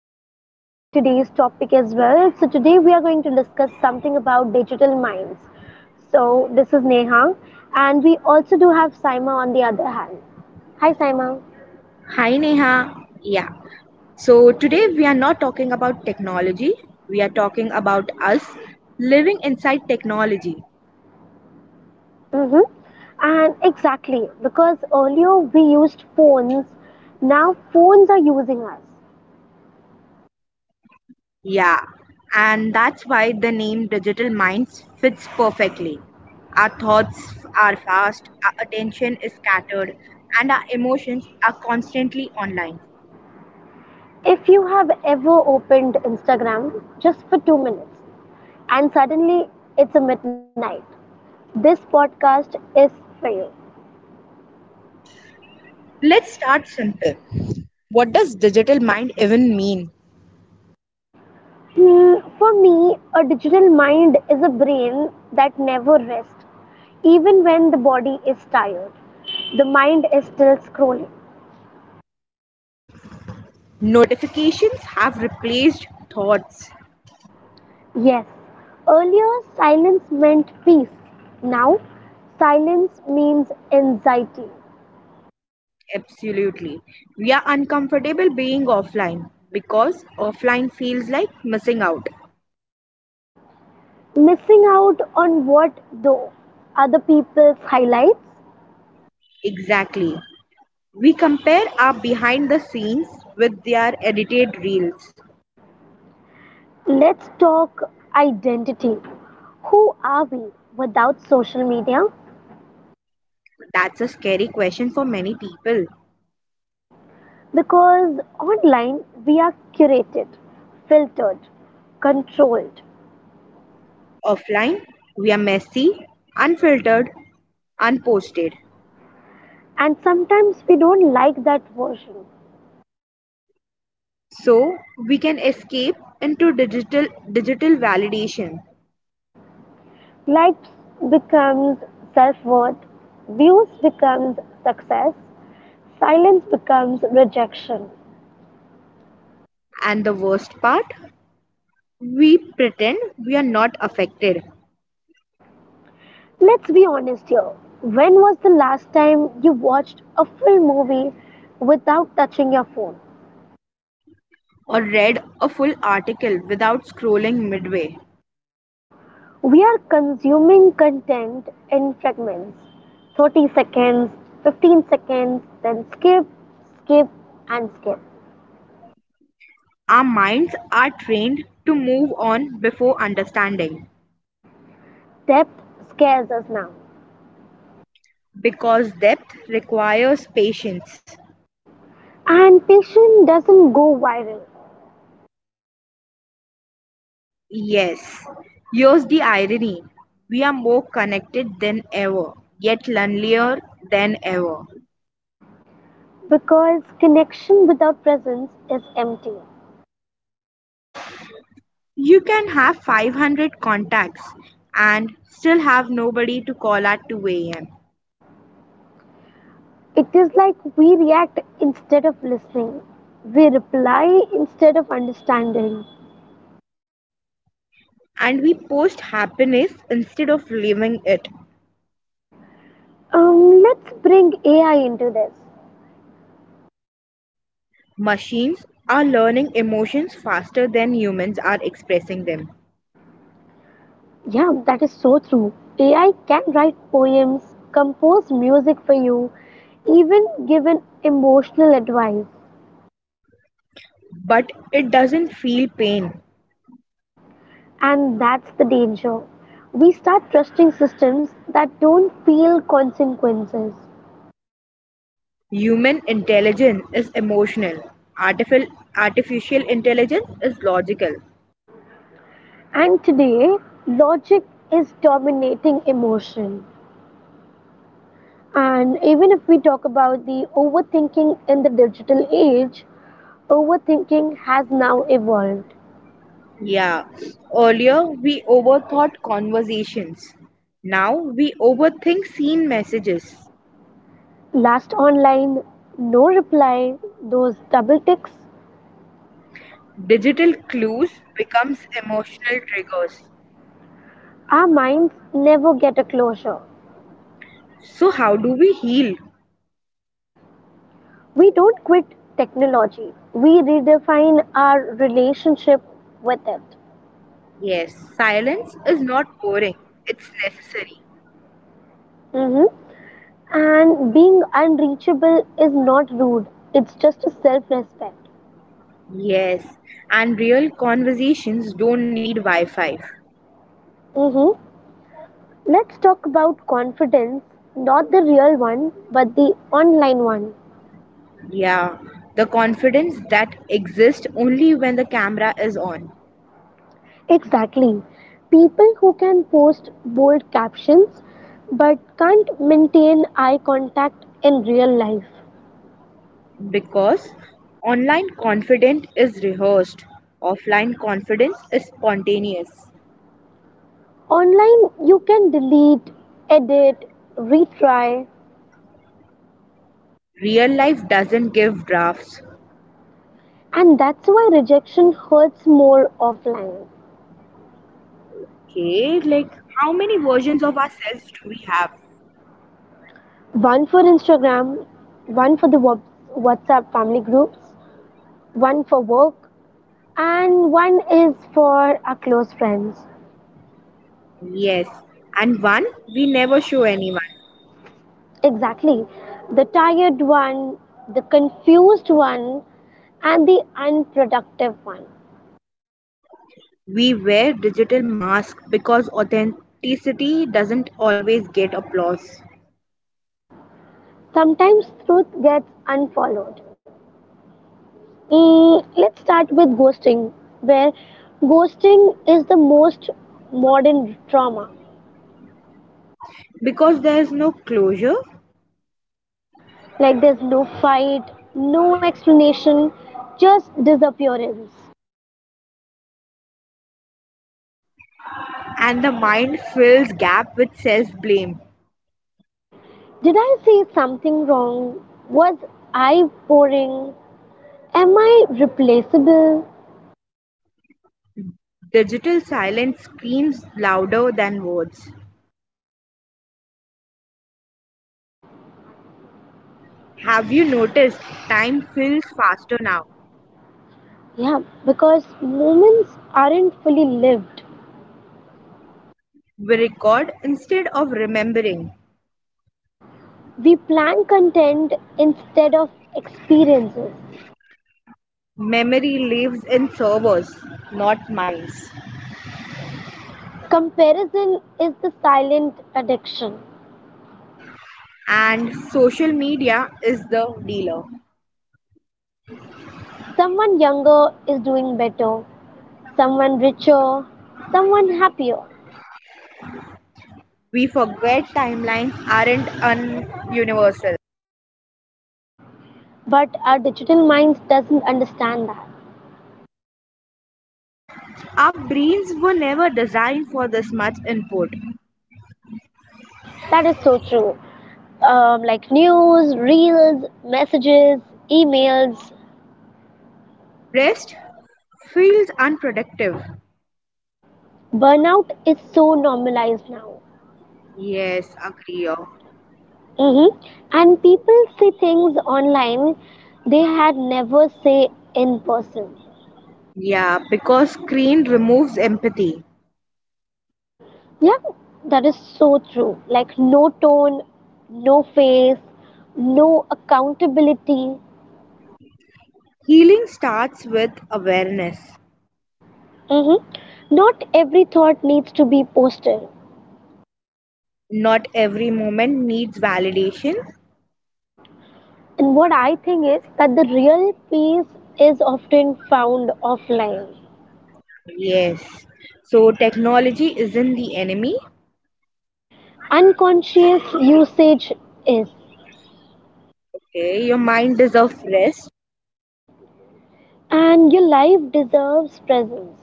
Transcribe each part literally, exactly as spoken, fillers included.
welcome to today's topic as well. So, today we are going to discuss something about digital minds. So, this is Neha, and we also do have Saima on the other hand. Hi, Saima. Hi Neha. Yeah. So today we are not talking about technology. We are talking about us living inside technology. Mm-hmm. And exactly, because earlier we used phones, now phones are using us. Yeah. And that's why the name Digital Minds fits perfectly. Our thoughts are fast, our attention is scattered, and our emotions are constantly online. If you have ever opened Instagram just for two minutes and suddenly it's a midnight, this podcast is for you. Let's start simple. What does digital mind even mean? Hmm, for me, a digital mind is a brain that never rests, even when the body is tired. The mind is still scrolling. Notifications have replaced thoughts. Yes, earlier silence meant peace. Now, silence means anxiety. Absolutely. We are uncomfortable being offline because offline feels like missing out. Missing out on what though? Other people's highlights? Exactly. We compare our behind the scenes with their edited reels. Let's talk identity. Who are we without social media? That's a scary question for many people. Because online we are curated, filtered, controlled, Offline, we are messy, unfiltered, unposted. and sometimes we don't like that version. So we can escape into digital digital validation. Likes becomes self-worth, views becomes success, silence becomes rejection. And the worst part, we pretend we are not affected. Let's be honest here. When was the last time you watched a full movie without touching your phone? Or read a full article without scrolling midway. We are consuming content in fragments, thirty seconds, fifteen seconds, then skip, skip, and skip. Our minds are trained to move on before understanding Depth scares us now. because depth requires patience. And patience doesn't go viral Yes, here's the irony, we are more connected than ever, yet lonelier than ever. because connection without presence is empty. You can have five hundred contacts and still have nobody to call at two a m. It is like we react instead of listening, we reply instead of understanding. And we post happiness instead of living it. Um, let's bring A I into this. Machines are learning emotions faster than humans are expressing them. Yeah, that is so true. A I can write poems, compose music for you, even give an emotional advice. But it doesn't feel pain. And that's the danger. We start trusting systems that don't feel consequences. Human intelligence is emotional. Artificial artificial intelligence is logical. And today, logic is dominating emotion. And even if we talk about the overthinking in the digital age, overthinking has now evolved. Yeah. Earlier we overthought conversations. Now we overthink seen messages. Last online, no reply, those double ticks. Digital clues becomes emotional triggers. Our minds never get a closure. So how do we heal? We don't quit technology, we redefine our relationship with it. Yes, silence is not boring. It's necessary. Hmm. And being unreachable is not rude, it's just a self respect. Yes, and real conversations don't need Wi Fi. Hmm. Let's talk about confidence, not the real one, but the online one. Yeah, the confidence that exists only when the camera is on. Exactly. People who can post bold captions but can't maintain eye contact in real life. Because online confidence is rehearsed, offline confidence is spontaneous. Online, you can delete, edit, retry, Real life doesn't give drafts. and that's why rejection hurts more offline. Okay, like how many versions of ourselves do we have? One for Instagram, one for the Whats- WhatsApp family groups, one for work, and one is for our close friends. Yes, and one we never show anyone. Exactly. The tired one, the confused one, and the unproductive one. We wear digital masks because authenticity doesn't always get applause. Sometimes truth gets unfollowed. Mm, let's start with ghosting, where ghosting is the most modern trauma. Because there is no closure, Like there's no fight, no explanation, just disappearance. and the mind fills gap with self-blame. Did I say something wrong? Was I boring? Am I replaceable? Digital silence screams louder than words. Have you noticed time feels faster now? Yeah, because moments aren't fully lived. We record instead of remembering. We plan content instead of experiences. Memory lives in servers, not minds. Comparison is the silent addiction. And social media is the dealer. Someone younger is doing better, someone richer, someone happier. We forget timelines aren't universal. But our digital minds doesn't understand that. Our brains were never designed for this much input. That is so true. Um, like news, reels, messages, emails. Rest feels unproductive. Burnout is so normalized now. Yes, agree. Oh. Hmm. And people say things online they had never say in person. Yeah, because screen removes empathy. Yeah, that is so true. Like no tone, no face, no accountability. Healing starts with awareness. Hmm. Not every thought needs to be posted. Not every moment needs validation. And what I think is that the real peace is often found offline. Yes. So technology isn't the enemy. Unconscious usage is. Okay, your mind deserves rest. And your life deserves presence.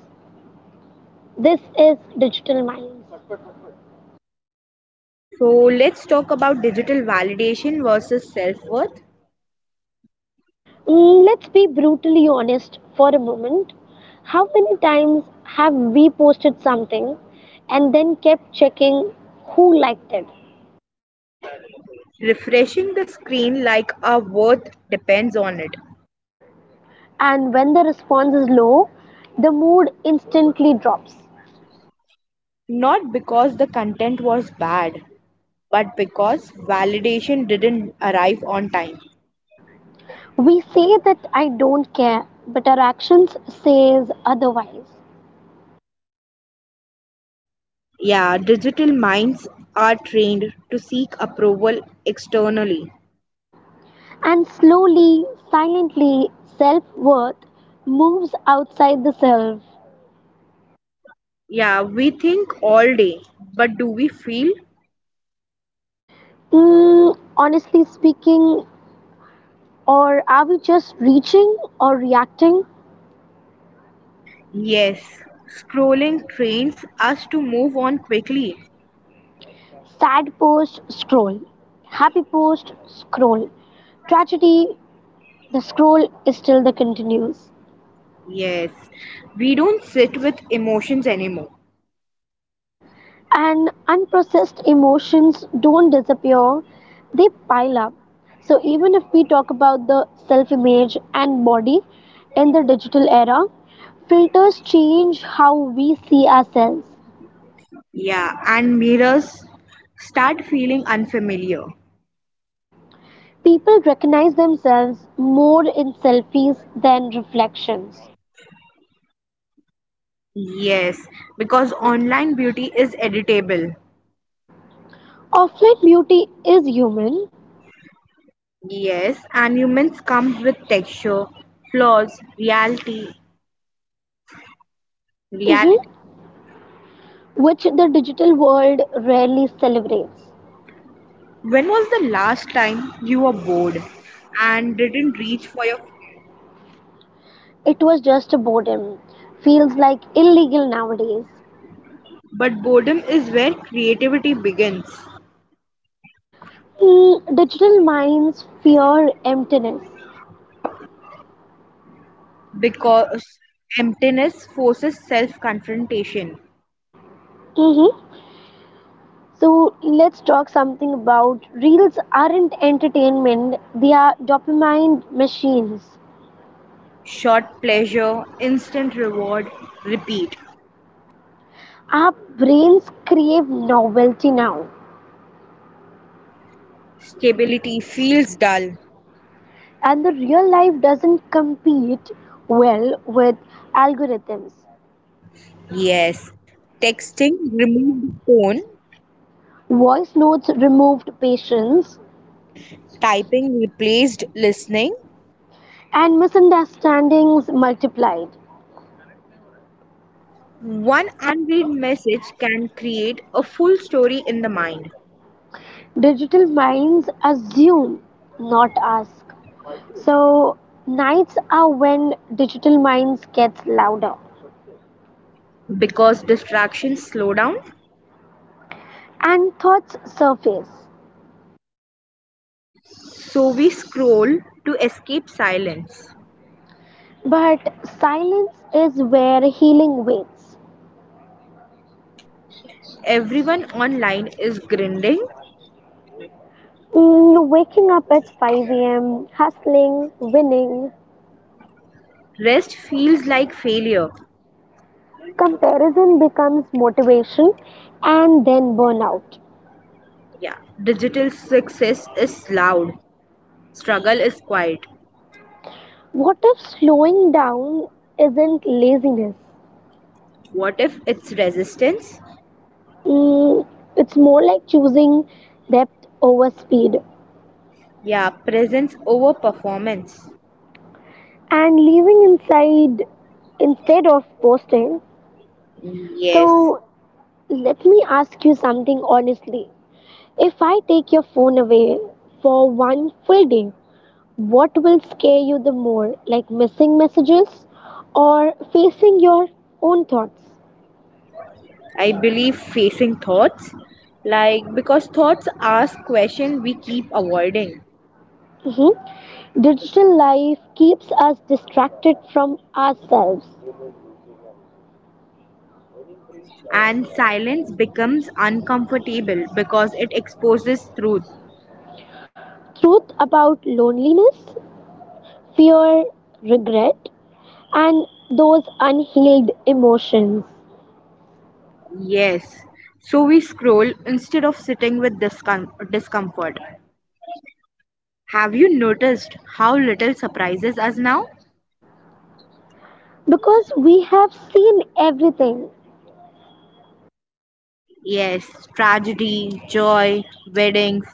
This is digital minds. So let's talk about digital validation versus self worth. Mm, let's be brutally honest for a moment. How many times have we posted something and then kept checking who liked it? Refreshing the screen like our worth depends on it. And when the response is low, the mood instantly drops. Not because the content was bad, but because validation didn't arrive on time. We say that I don't care, but our actions says otherwise. Yeah, digital minds are trained to seek approval externally. And slowly, silently, self-worth moves outside the self. Yeah, we think all day, but do we feel? Mm, honestly speaking, or are we just reaching or reacting? Yes. Scrolling trains us to move on quickly. Sad post, scroll. Happy post, scroll. Tragedy, the scroll is still the continues. Yes, we don't sit with emotions anymore. And unprocessed emotions don't disappear, they pile up. So even if we talk about the self image and body in the digital era, filters change how we see ourselves. Yeah, and mirrors start feeling unfamiliar. People recognize themselves more in selfies than reflections. Yes, because online beauty is editable. Offline beauty is human, Yes, and humans come with texture, flaws, reality, mhm, reality. which the digital world rarely celebrates. When was the last time you were bored and didn't reach for your phone? It was just a boredom. Feels like illegal nowadays. But boredom is where creativity begins Mm, digital minds fear emptiness. because emptiness forces self confrontation. Mhm. So let's talk something about reels aren't entertainment, they are dopamine machines. Short pleasure, instant reward, repeat. Our brains crave novelty now, Stability feels dull. and the real life doesn't compete well with algorithms. Yes. Texting removed the phone. Voice notes removed patience Typing replaced listening. and misunderstandings multiplied. One unread message can create a full story in the mind Digital minds assume, not ask. So nights are when digital minds gets louder because distractions slow down. and thoughts surface. So we scroll to escape silence. But silence is where healing waits. Everyone online is grinding. Mm, waking up at five a m, hustling, winning, Rest feels like failure. comparison becomes motivation and then burnout. Yeah, digital success is loud. Struggle is quiet. What if slowing down isn't laziness? What if it's resistance? Mm, it's more like choosing depth over speed Yeah, presence over performance. and leaving inside instead of posting. Yes, So, let me ask you something honestly. If I take your phone away for one full day, what will scare you the more? Like missing messages or facing your own thoughts? I believe facing thoughts. Like, because thoughts ask questions we keep avoiding. Mhm. Digital life keeps us distracted from ourselves. And silence becomes uncomfortable because it exposes truth. Truth about loneliness, fear, regret, and those unhealed emotions. Yes. So we scroll instead of sitting with discom- discomfort. Have you noticed how little surprises us now? Because we have seen everything. Yes, tragedy, joy, weddings,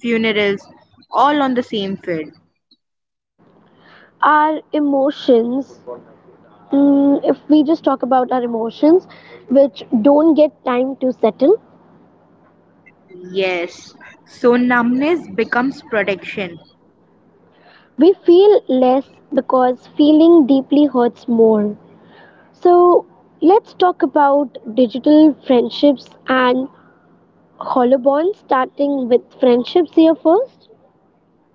funerals, all on the same field. Our emotions, mm, if we just talk about our emotions, which don't get time to settle, Yes, so numbness becomes protection. we feel less because feeling deeply hurts more. So let's talk about digital friendships and hollow bonds, starting with friendships here first.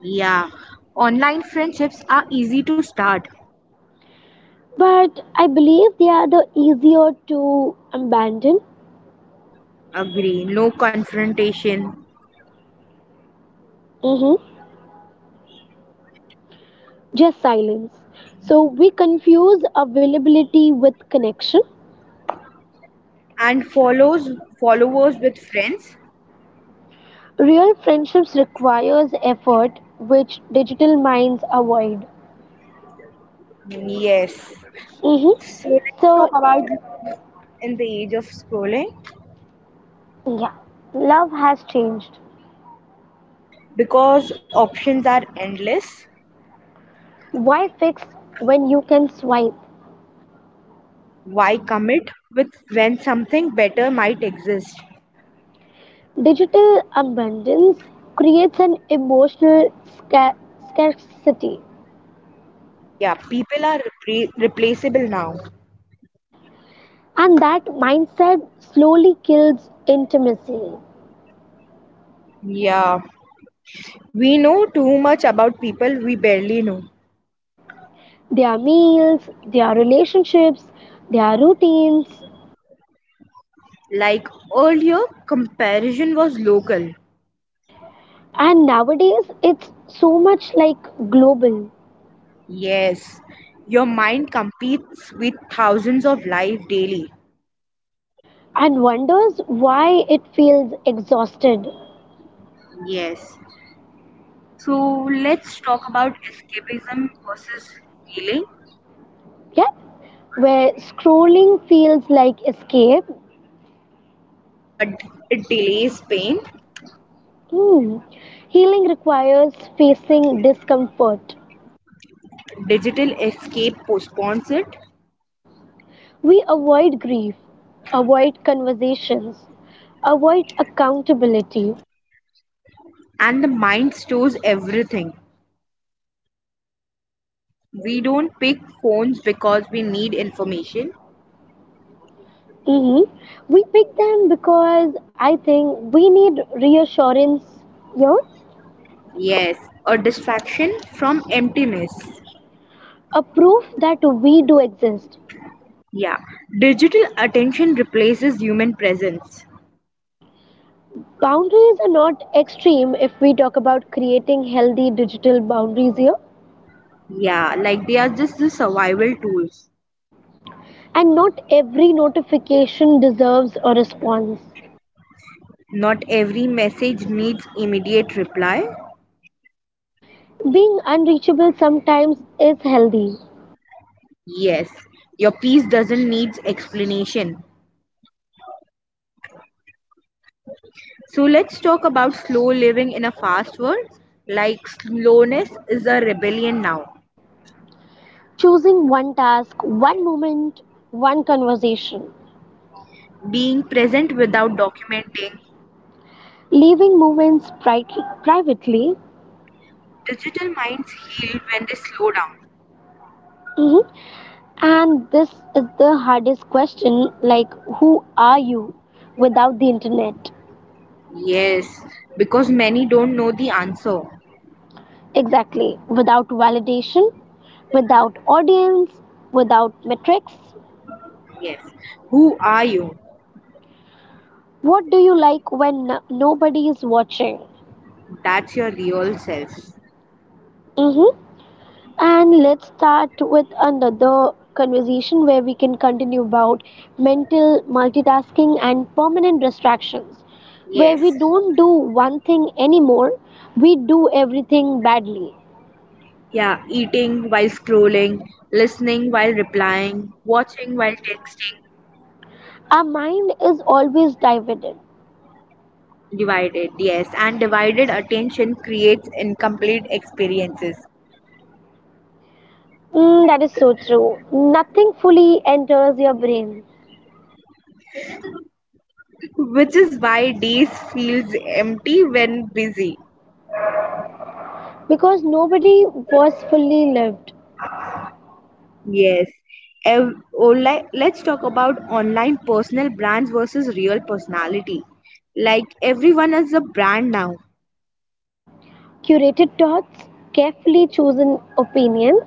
Yeah, online friendships are easy to start. But I believe they are the easier to abandon. Agree, no confrontation. Hmm. Just silence. So we confuse availability with connection. And follows followers with friends? Real friendships requires effort, which digital minds avoid. Yes. Hmm. So let's So talk about love in the age of scrolling yeah, love has changed. because options are endless. Why fix when you can swipe? Why commit with when something better might exist? Digital abundance creates an emotional sca- scarcity, Yeah, people are repre- replaceable now. and that mindset slowly kills intimacy. Yeah, we know too much about people we barely know. Their meals, their relationships, their routines, Like earlier comparison was local. and nowadays it's so much like global Yes, your mind competes with thousands of life daily. and wonders why it feels exhausted. Yes, so let's talk about escapism versus healing, Yeah, where scrolling feels like escape. but it delays pain. Hmm. Healing requires facing discomfort. Digital escape postpones it, We avoid grief, avoid conversations, avoid accountability. and the mind stores everything. We don't pick phones because we need information. Hmm. We pick them because I think we need reassurance, you know, Yes, a distraction from emptiness. a proof that we do exist. Yeah, digital attention replaces human presence. Boundaries are not extreme if we talk about creating healthy digital boundaries here, Yeah, like they are just the survival tools. and not every notification deserves a response. Not every message needs immediate reply. Being unreachable sometimes is healthy, Yes, your piece doesn't need explanation. So let's talk about slow living in a fast world. Like slowness is a rebellion now, choosing one task, one moment, one conversation, being present without documenting. leaving moments pri- privately. Digital minds heal when they slow down. Mhm. And this is the hardest question like, who are you without the internet? Yes, because many don't know the answer. Exactly, without validation, without audience, without metrics. Yes. Who are you? What do you like when n- nobody is watching? That's your real self. Mhm. And let's start with another conversation where we can continue about mental multitasking and permanent distractions, where we Yes. don't do one thing anymore, we do everything badly. Yeah, eating while scrolling, listening while replying, watching while texting. Our mind is always divided. Divided, yes, and divided attention creates incomplete experiences, Mm, that is so true. Nothing fully enters your brain which is why days feels empty when busy. because nobody was fully lived. Yes. Ev- online, let's talk about online personal brands versus real personality. Like everyone is a brand now. Curated thoughts, carefully chosen opinions,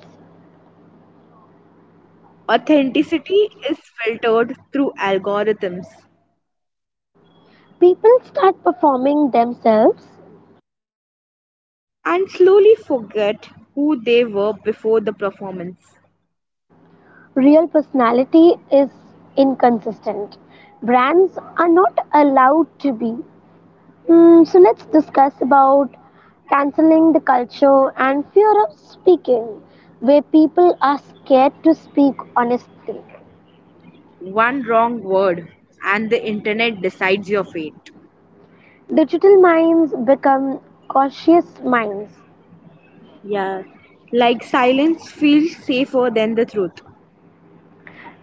Authenticity is filtered through algorithms, people start performing themselves. and slowly forget who they were before the performance. Real personality is inconsistent. Brands are not allowed to be. Hmm, so let's discuss about canceling the culture and fear of speaking, where people are scared to speak honestly. One wrong word and the internet decides your fate. Digital minds become cautious minds, Yeah. Like silence feels safer than the truth,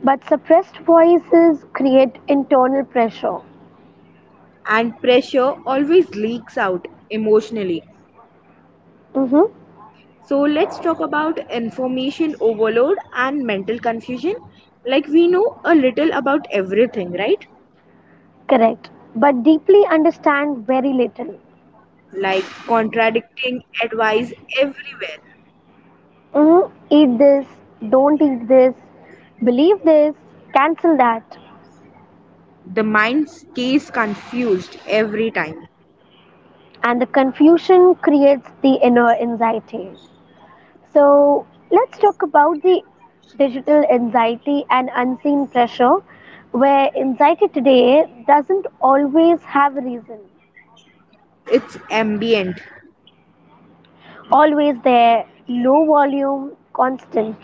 but suppressed voices create internal pressure. and pressure always leaks out emotionally. Mm-hmm. So let's talk about information overload and mental confusion. Like we know a little about everything, right? Correct. But deeply understand very little. Like contradicting advice everywhere. Mm, eat this, don't eat this, believe this, cancel that. The mind stays confused every time. And the confusion creates the inner anxiety. So, let's talk about the digital anxiety and unseen pressure, where anxiety today doesn't always have a reason. It's ambient. Always there, low volume, constant.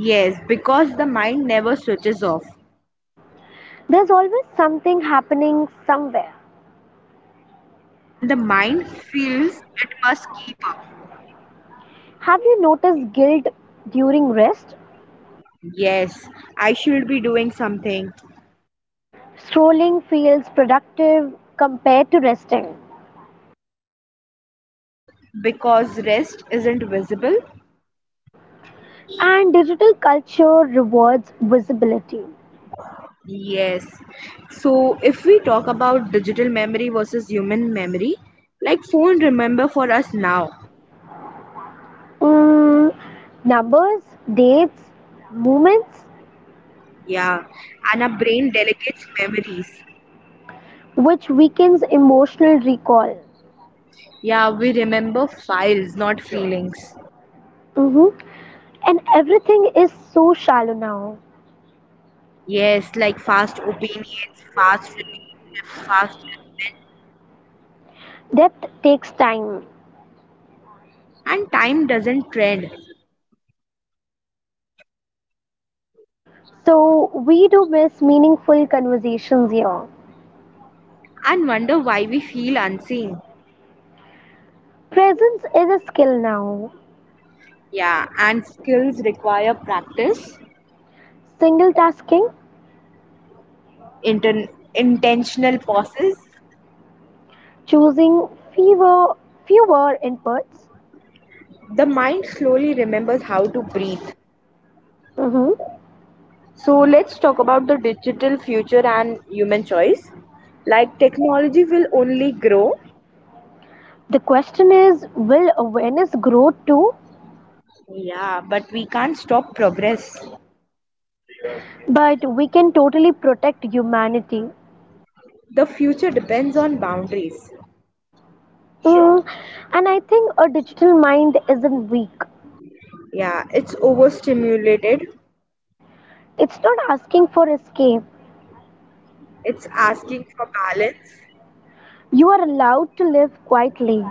Yes, because the mind never switches off, There's always something happening somewhere. and the mind feels it must keep up. Have you noticed guilt during rest? Yes, I should be doing something Strolling feels productive compared to resting. because rest isn't visible. And digital culture rewards visibility. Yes. So if we talk about digital memory versus human memory, like phone remember for us now. Mm, numbers, dates, moments, Yeah. And our brain delegates memories. which weakens emotional recall. Yeah, we remember files, not Sure. feelings. Mhm. And everything is so shallow now. Yes, like fast opinions, fast relationships, fast judgments. Depth takes time. And time doesn't trend. So we do miss meaningful conversations here. And wonder why we feel unseen. Presence is a skill now. Yeah, and skills require practice, Single tasking, inten intentional pauses, choosing fewer fewer inputs. the mind slowly remembers how to breathe. Hmm. So let's talk about the digital future and human choice. Like technology will only grow, The question is will awareness grow too? yeah, but we can't stop progress. But we can totally protect humanity. The future depends on boundaries. Mm, and I think a digital mind isn't weak, Yeah, it's overstimulated, it's not asking for escape. it's asking for balance. You are allowed to live quietly,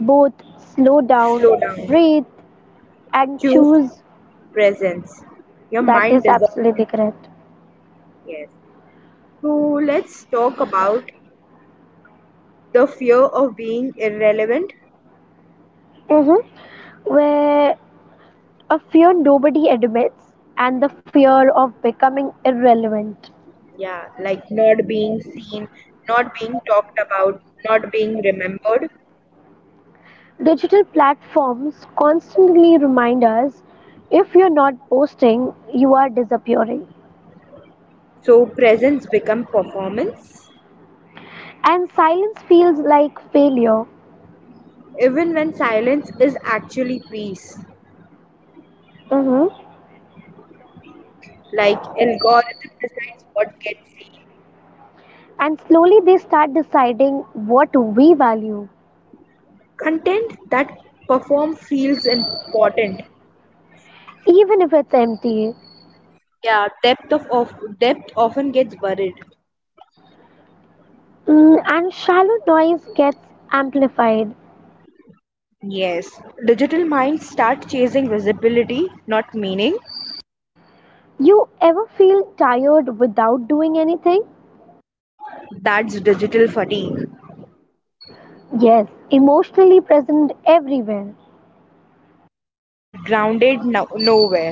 both slow Slow down, down, breathe, and choose choose. presence. Your That mind is deserves absolutely it. correct. Yes. So let's talk about the fear of being irrelevant. Hmm. Where a fear nobody admits, and the fear of becoming irrelevant. Yeah, like not being seen, not being talked about, not being remembered. Digital platforms constantly remind us if you're not posting, you are disappearing. So presence become performance, And silence feels like failure. even when silence is actually peace. Mhm. Like algorithm decides what gets seen, And slowly they start deciding what we value, content that perform feels important. even if it's empty. Yeah, depth of, of depth often gets buried. Mm, and shallow noise gets amplified. Yes, digital minds start chasing visibility, not meaning. You ever feel tired without doing anything? That's digital fatigue, Yes, emotionally present everywhere. but grounded no- nowhere.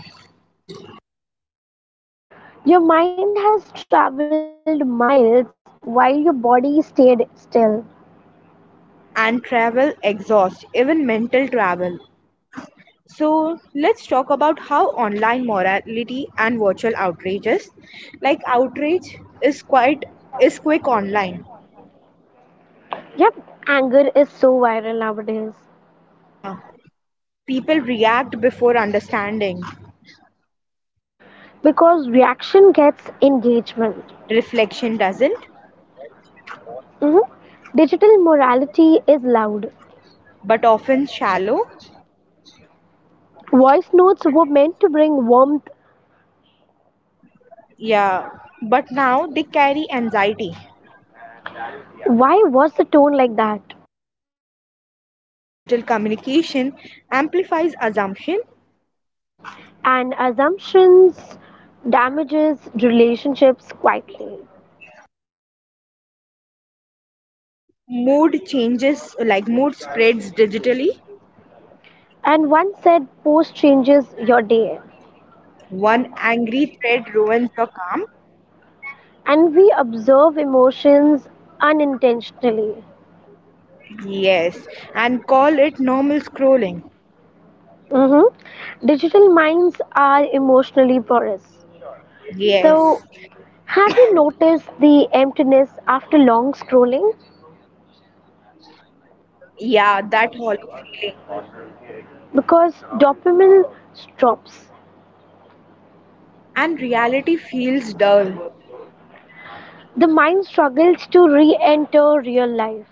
Your mind has traveled miles while your body stayed still. And travel exhaust, even mental travel. So let's talk about how online morality and virtual outrages. Like outrage is quite is quick online. Yep, anger is so viral nowadays Uh, People react before understanding. because reaction gets engagement. Reflection doesn't, Mhm. Digital morality is loud. but often shallow. Voice notes were meant to bring warmth. Yeah, but now they carry anxiety. Why was the tone like that? Digital communication amplifies assumption. And assumptions damages relationships quietly. Mood changes like mood spreads digitally. And one said post changes your day. One angry thread ruins your calm? And we observe emotions unintentionally. Yes. And call it normal scrolling? Mhm. Digital minds are emotionally porous. Yes. So have you noticed the emptiness after long scrolling? Yeah, that hollow feeling. Because dopamine drops. And reality feels dull. The mind struggles to re enter real life.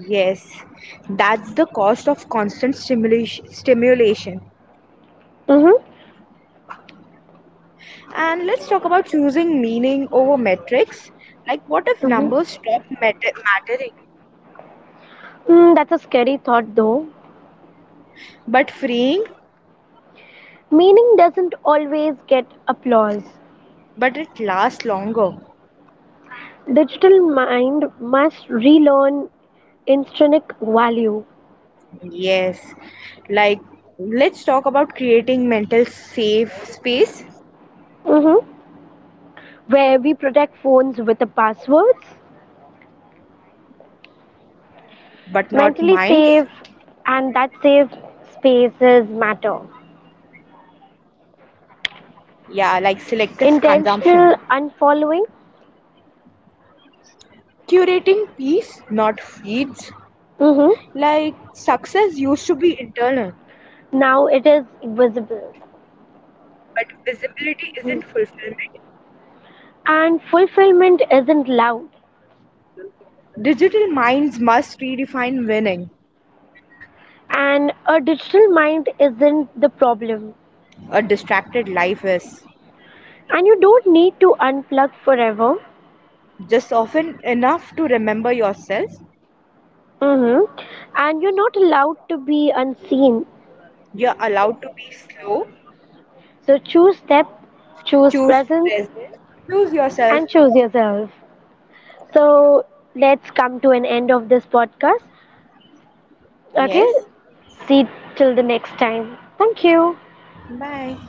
Yes. That's the cost of constant stimulation. stimulation. Mm-hmm. And let's talk about choosing meaning over metrics. Like, what if Mm-hmm. numbers stop matter- mattering? Mm, that's a scary thought, though. But freeing, Meaning doesn't always get applause. but it lasts longer. Digital mind must relearn intrinsic value. Yes, like let's talk about creating mental safe space, Hmm. Where we protect phones with the passwords, but not minds. mentally safe, and that safe spaces matter. Yeah, like selective consumption. Intentional unfollowing, Curating peace, not feeds. Like mhm, success used to be internal, now it is visible. but visibility isn't Mhm. fulfillment. And fulfillment isn't loud, Digital minds must redefine winning. and a digital mind isn't the problem, A distracted life is and you don't need to unplug forever. just often enough to remember yourself. Hmm. And you're not allowed to be unseen, You're allowed to be slow, so choose depth, choose choose presence, presence, choose yourself. and choose yourself. So let's come to an end of this podcast. Okay, Yes. see till the next time, thank you. Bye.